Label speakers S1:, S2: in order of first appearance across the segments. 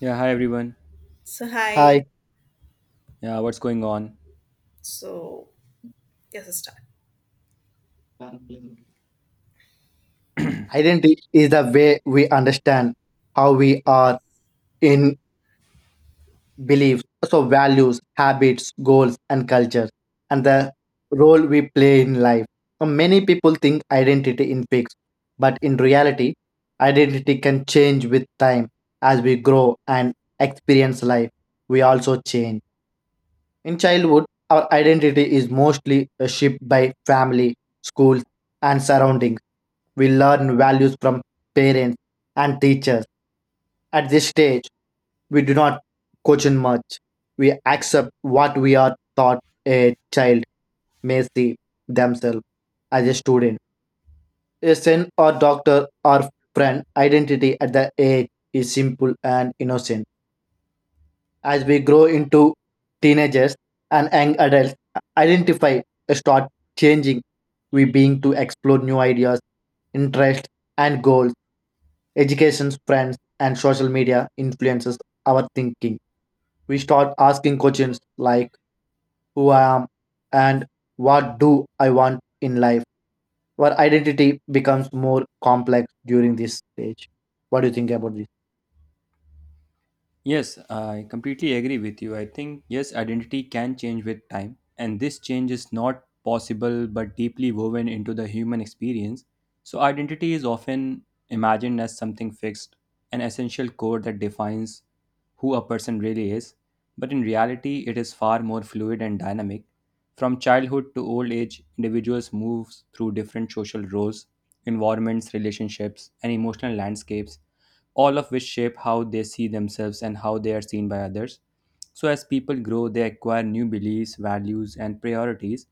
S1: Yeah, hi everyone.
S2: So hi.
S3: Hi,
S1: Yeah, what's going on?
S2: So yes, let's start.
S3: identity is the way we understand how we are in beliefs, so values, habits, goals, and culture, and the role we play in life. So many people think identity is fixed, but in reality, identity can change with time as we grow and experience life. We also change. In childhood, our identity is mostly shaped by family, schools, and surroundings. We learn values from parents and teachers. At this stage, we do not question much. We accept what we are taught. A child may see themselves as a student. A saint or doctor or friend identity at the age is simple and innocent. As we grow into teenagers and young adults, identify start changing. We being to explore new ideas, interests, and goals. Education, friends, and social media influences our thinking. We start asking questions like, who I am, and what do I want in life? Our identity becomes more complex during this stage. What do you think about this?
S1: Yes, I completely agree with you. I think, yes, identity can change with time, and this change is not possible but deeply woven into the human experience. So, identity is often imagined as something fixed, an essential code that defines who a person really is. But in reality, it is far more fluid and dynamic. From childhood to old age, individuals move through different social roles, environments, relationships, and emotional landscapes, all of which shape how they see themselves and how they are seen by others. So, as people grow, they acquire new beliefs, values, and priorities,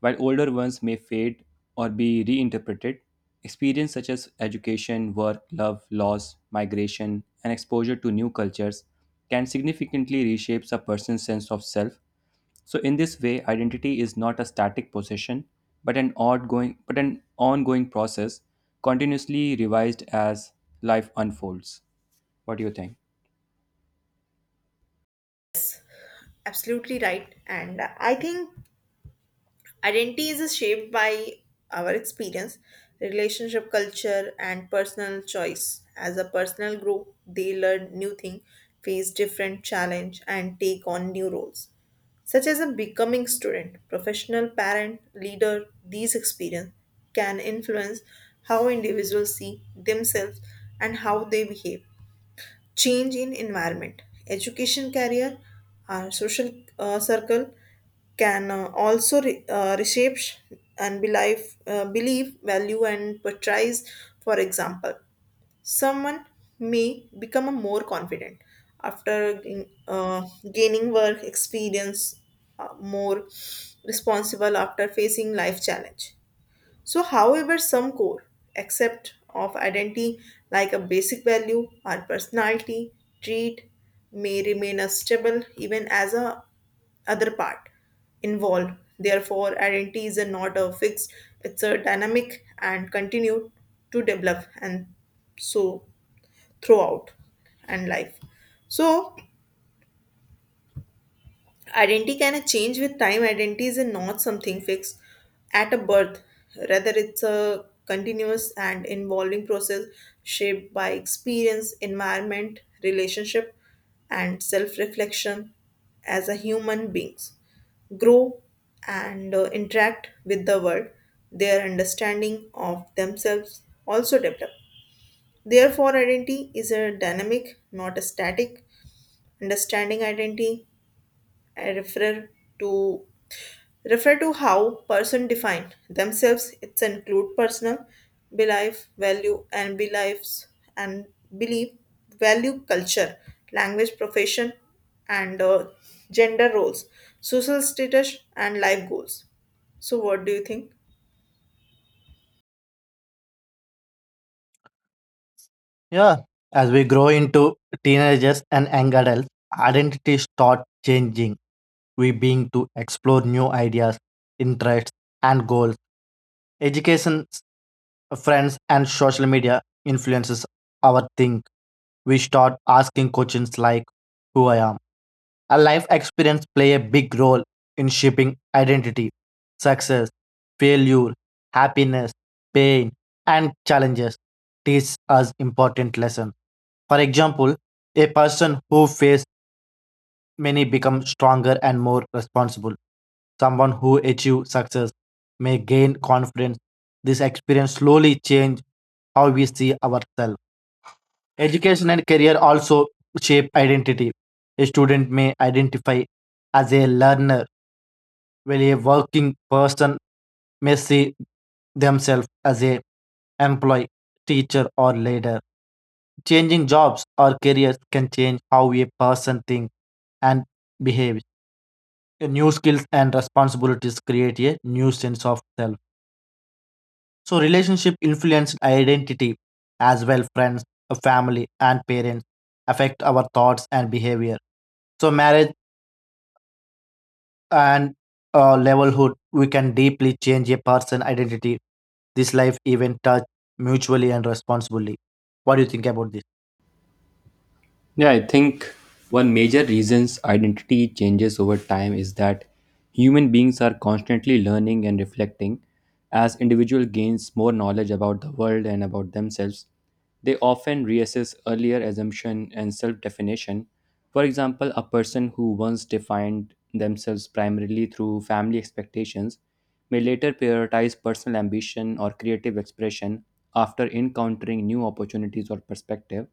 S1: while older ones may fade or be reinterpreted. Experience such as education, work, love, loss, migration, and exposure to new cultures can significantly reshape a person's sense of self. So, in this way, identity is not a static possession, but an ongoing, process, continuously revised as life unfolds. What do you think?
S2: Absolutely right. And I think identity is shaped by our experience, relationship, culture, and personal choice. As a personal group, they learn new things, face different challenge, and take on new roles, such as a becoming student, professional, parent, leader. These experience can influence how individuals see themselves and how they behave change in environment education career our social circle can also reshape and believe, believe value and portrays, for example, someone may become a more confident after uh, gaining work experience, more responsible after facing life challenge. So, however, some core accept of identity, like a basic value or personality trait, may remain as stable even as a other part involved. Therefore, identity is a not a fixed; it's a dynamic and continue to develop and so throughout and life. So, identity can change with time. Identity is not something fixed at a birth, rather, it's a continuous and involving process shaped by experience, environment, relationship, and self reflection as a human beings grow and interact with the world. Their understanding of themselves also develop. Therefore, identity is a dynamic, not a static. Understanding identity I refer to refer to how person define themselves, it's include personal belief value and beliefs and belief value culture language profession and gender roles social status and life goals. So what do you think?
S3: Yeah, as we grow into teenagers and young adults, identities start changing. We being to explore new ideas, interests, and goals. Education, friends, and social media influences our think. We start asking questions like, "Who I am." Our life experience play a big role in shaping identity, success, failure, happiness, pain, and challenges teach us important lessons. For example, a person who faces many becomes stronger and more responsible. Someone who achieves success may gain confidence. This experience slowly change how we see ourselves. Education and career also shape identity. A student may identify as a learner, while a working person may see themselves as a employee, teacher, or leader. Changing jobs or careers can change how a person thinks and behaves. New skills and responsibilities create a new sense of self. So relationship influence identity as well. Friends, family and parents affect our thoughts and behavior. So marriage and levelhood we can deeply change a person identity. This life even touch mutually and responsibly. What do you think about this?
S1: Yeah, I think one major reasons identity changes over time is that human beings are constantly learning and reflecting. As individual gains more knowledge about the world and about themselves, they often reassess earlier assumption and self-definition. For example, a person who once defined themselves primarily through family expectations may later prioritize personal ambition or creative expression after encountering new opportunities or perspective.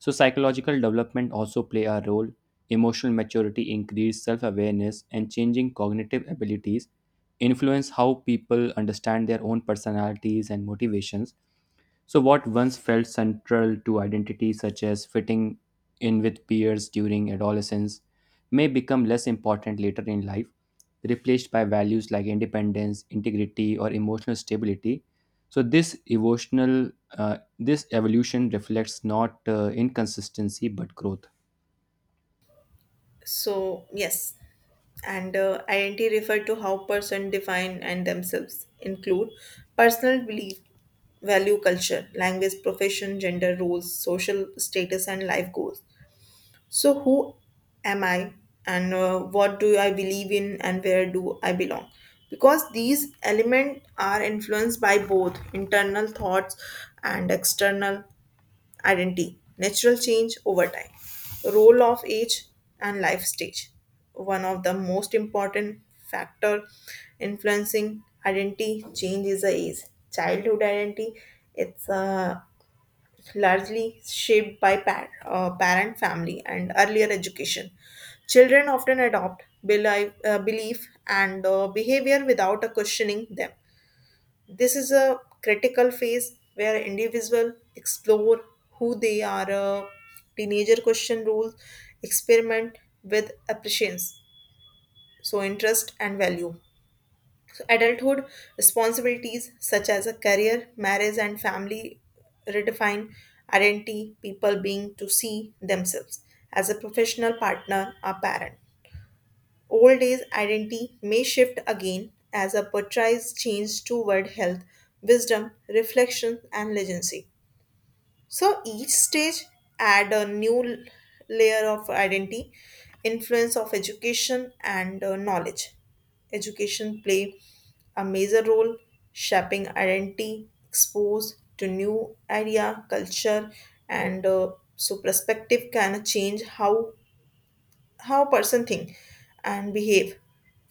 S1: So psychological development also play a role. Emotional maturity, increased self-awareness, and changing cognitive abilities influence how people understand their own personalities and motivations. So, what once felt central to identity, such as fitting in with peers during adolescence, may become less important later in life, replaced by values like independence, integrity, or emotional stability. So, this evolution reflects not inconsistency but growth.
S2: So yes, and identity refer to how person define and themselves include personal belief value culture language profession gender roles social status and life goals. So, who am I, and what do I believe in, and where do I belong? Because these elements are influenced by both internal thoughts and external identity, natural change over time, role of age, and life stage. One of the most important factor influencing identity change is the age. Childhood identity, it's largely shaped by parent, family, and earlier education. Children often adopt belief, belief and behavior without a questioning them. This is a critical phase where individuals explore who they are, teenager question rules, experiment with appreciation, so interest and value. Adulthood responsibilities such as a career, marriage, and family redefine identity, people being to see themselves as a professional partner or parent. Old age identity may shift again as a portrays change toward health, wisdom, reflection, and legacy. So each stage add a new layer of identity, influence of education and knowledge. Education play a major role shaping identity, exposed to new idea, culture, and so perspective can change how person think and behave,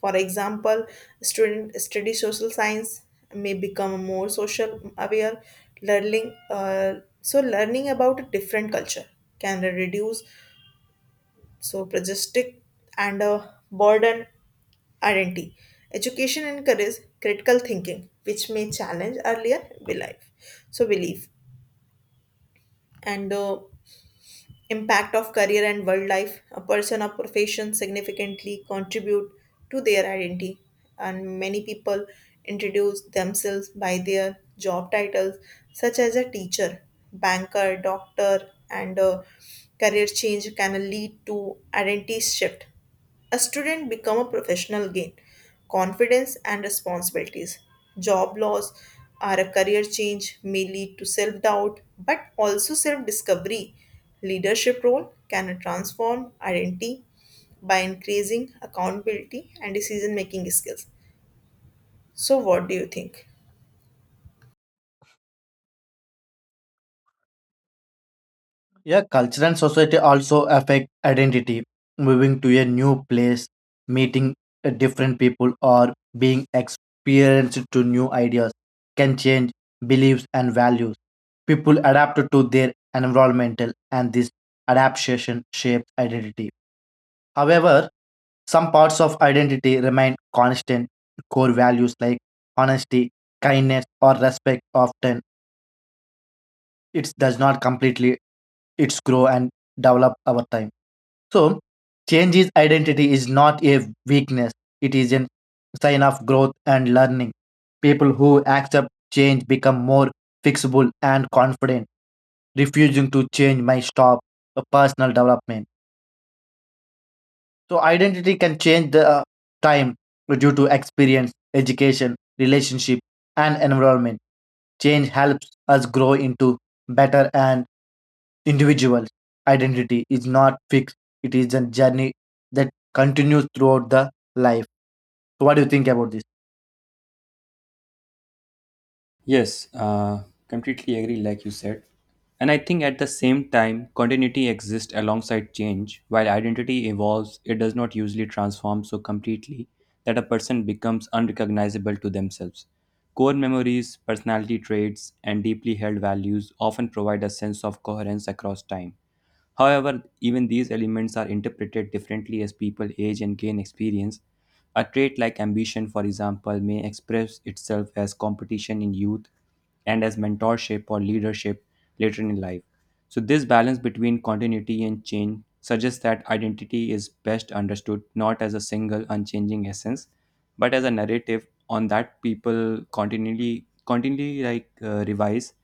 S2: for example, student study social science may become more social aware, learning so learning about a different culture can reduce so prejudice and burden identity. Education encourages critical thinking which may challenge earlier belief, so belief and impact of career and world life, a person or profession significantly contribute to their identity, and many people introduce themselves by their job titles such as a teacher, banker, doctor, and a career change can lead to identity shift. A student become a professional gain confidence and responsibilities. Job loss or a career change may lead to self-doubt but also self-discovery. Leadership role can transform identity by increasing accountability and decision-making skills. So what do you think?
S3: Yeah, culture and society also affect identity. Moving to a new place, meeting different people, or being experienced to new ideas can change beliefs and values. People adapt to their environmental, and this adaptation shapes identity. However, some parts of identity remain constant. Core values like honesty, kindness, or respect often it does not completely its grow and develop over time. So, changes identity is not a weakness, it is a sign of growth and learning. People who accept change become more fixable and confident, refusing to change my stop a personal development. So, identity can change the time due to experience, education, relationship, and environment. Change helps us grow into better and individual. Identity is not fixed. It is a journey that continues throughout the life. So what do you think about this?
S1: Yes, completely agree, like you said. And I think at the same time, continuity exists alongside change. While identity evolves, it does not usually transform so completely that a person becomes unrecognizable to themselves. Core memories, personality traits, and deeply held values often provide a sense of coherence across time. However, even these elements are interpreted differently as people age and gain experience. A trait like ambition, for example, may express itself as competition in youth and as mentorship or leadership later in life. So, this balance between continuity and change suggests that identity is best understood not as a single unchanging essence, but as a narrative on that people continually revise,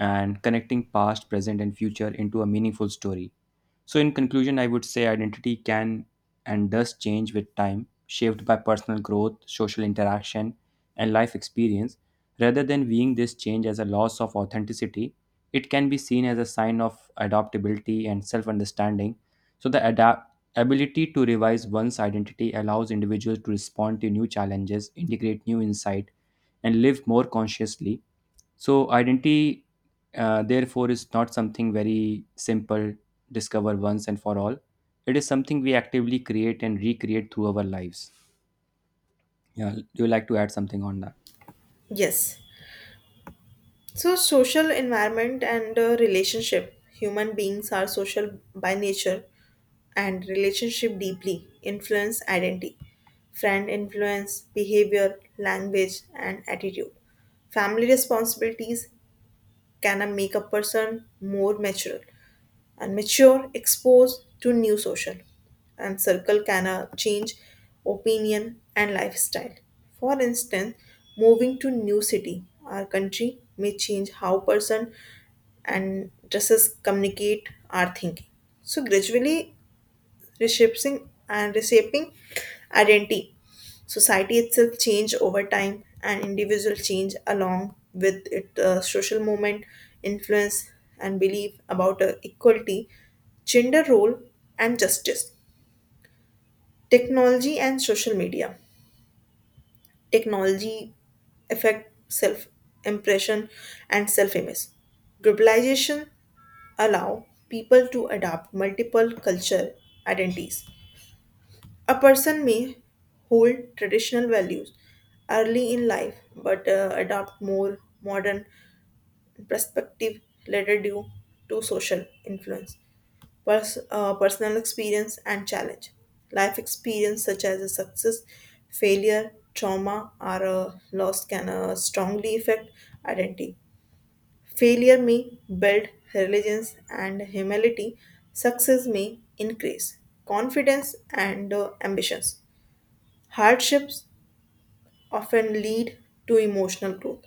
S1: and connecting past, present, and future into a meaningful story. So, in conclusion, I would say identity can and does change with time, shaped by personal growth, social interaction, and life experience. Rather than viewing this change as a loss of authenticity, it can be seen as a sign of adaptability and self understanding. So, the ability to revise one's identity allows individuals to respond to new challenges, integrate new insight, and live more consciously. So identity, therefore, is not something very simple, discover once and for all. It is something we actively create and recreate through our lives. Yeah, do you like to add something on that?
S2: Yes. So, social environment and relationship. Human beings are social by nature and relationship deeply influence identity. Friend influence behavior, language, and attitude. Family responsibilities can make a person more mature and mature exposed to new social and circle can change opinion and lifestyle, for instance, moving to new city or country may change how person and dresses communicate our thinking, so gradually reshaping and reshaping identity. Society itself change over time, and individual change along with it. Social movement, influence, and belief about equality, gender role, and justice. Technology and social media. Technology affect self impression and self image. Globalization allow people to adapt multiple culture identities. A person may hold traditional values early in life but adopt more modern perspective later due to social influence, personal experience, and challenge. Life experience such as a success, failure, trauma, or a loss can strongly affect identity. Failure may build resilience and humility. Success may increase confidence and ambitions. Hardships often lead to emotional growth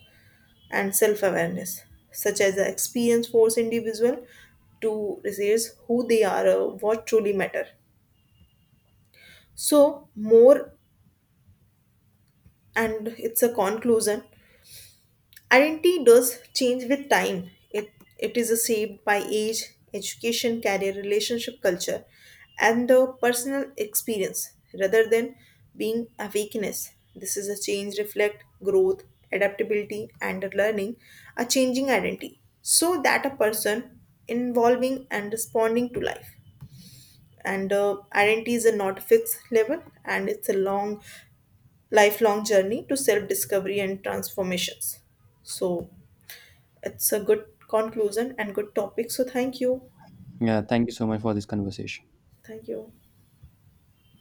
S2: and self awareness, such as the experience force individual to realize who they are or what truly matter. So more, and it's a conclusion. Identity does change with time. It is shaped by age, education, career, relationship, culture, and the personal experience rather than being a weakness. This is a change reflect growth, adaptability, and learning, a changing identity, so that a person involving and responding to life. And identity is a not fixed level, and it's a long, lifelong journey to self discovery and transformations. So it's a good conclusion and good topic. So thank you.
S1: Yeah, thank you so much for this conversation.
S2: Thank you.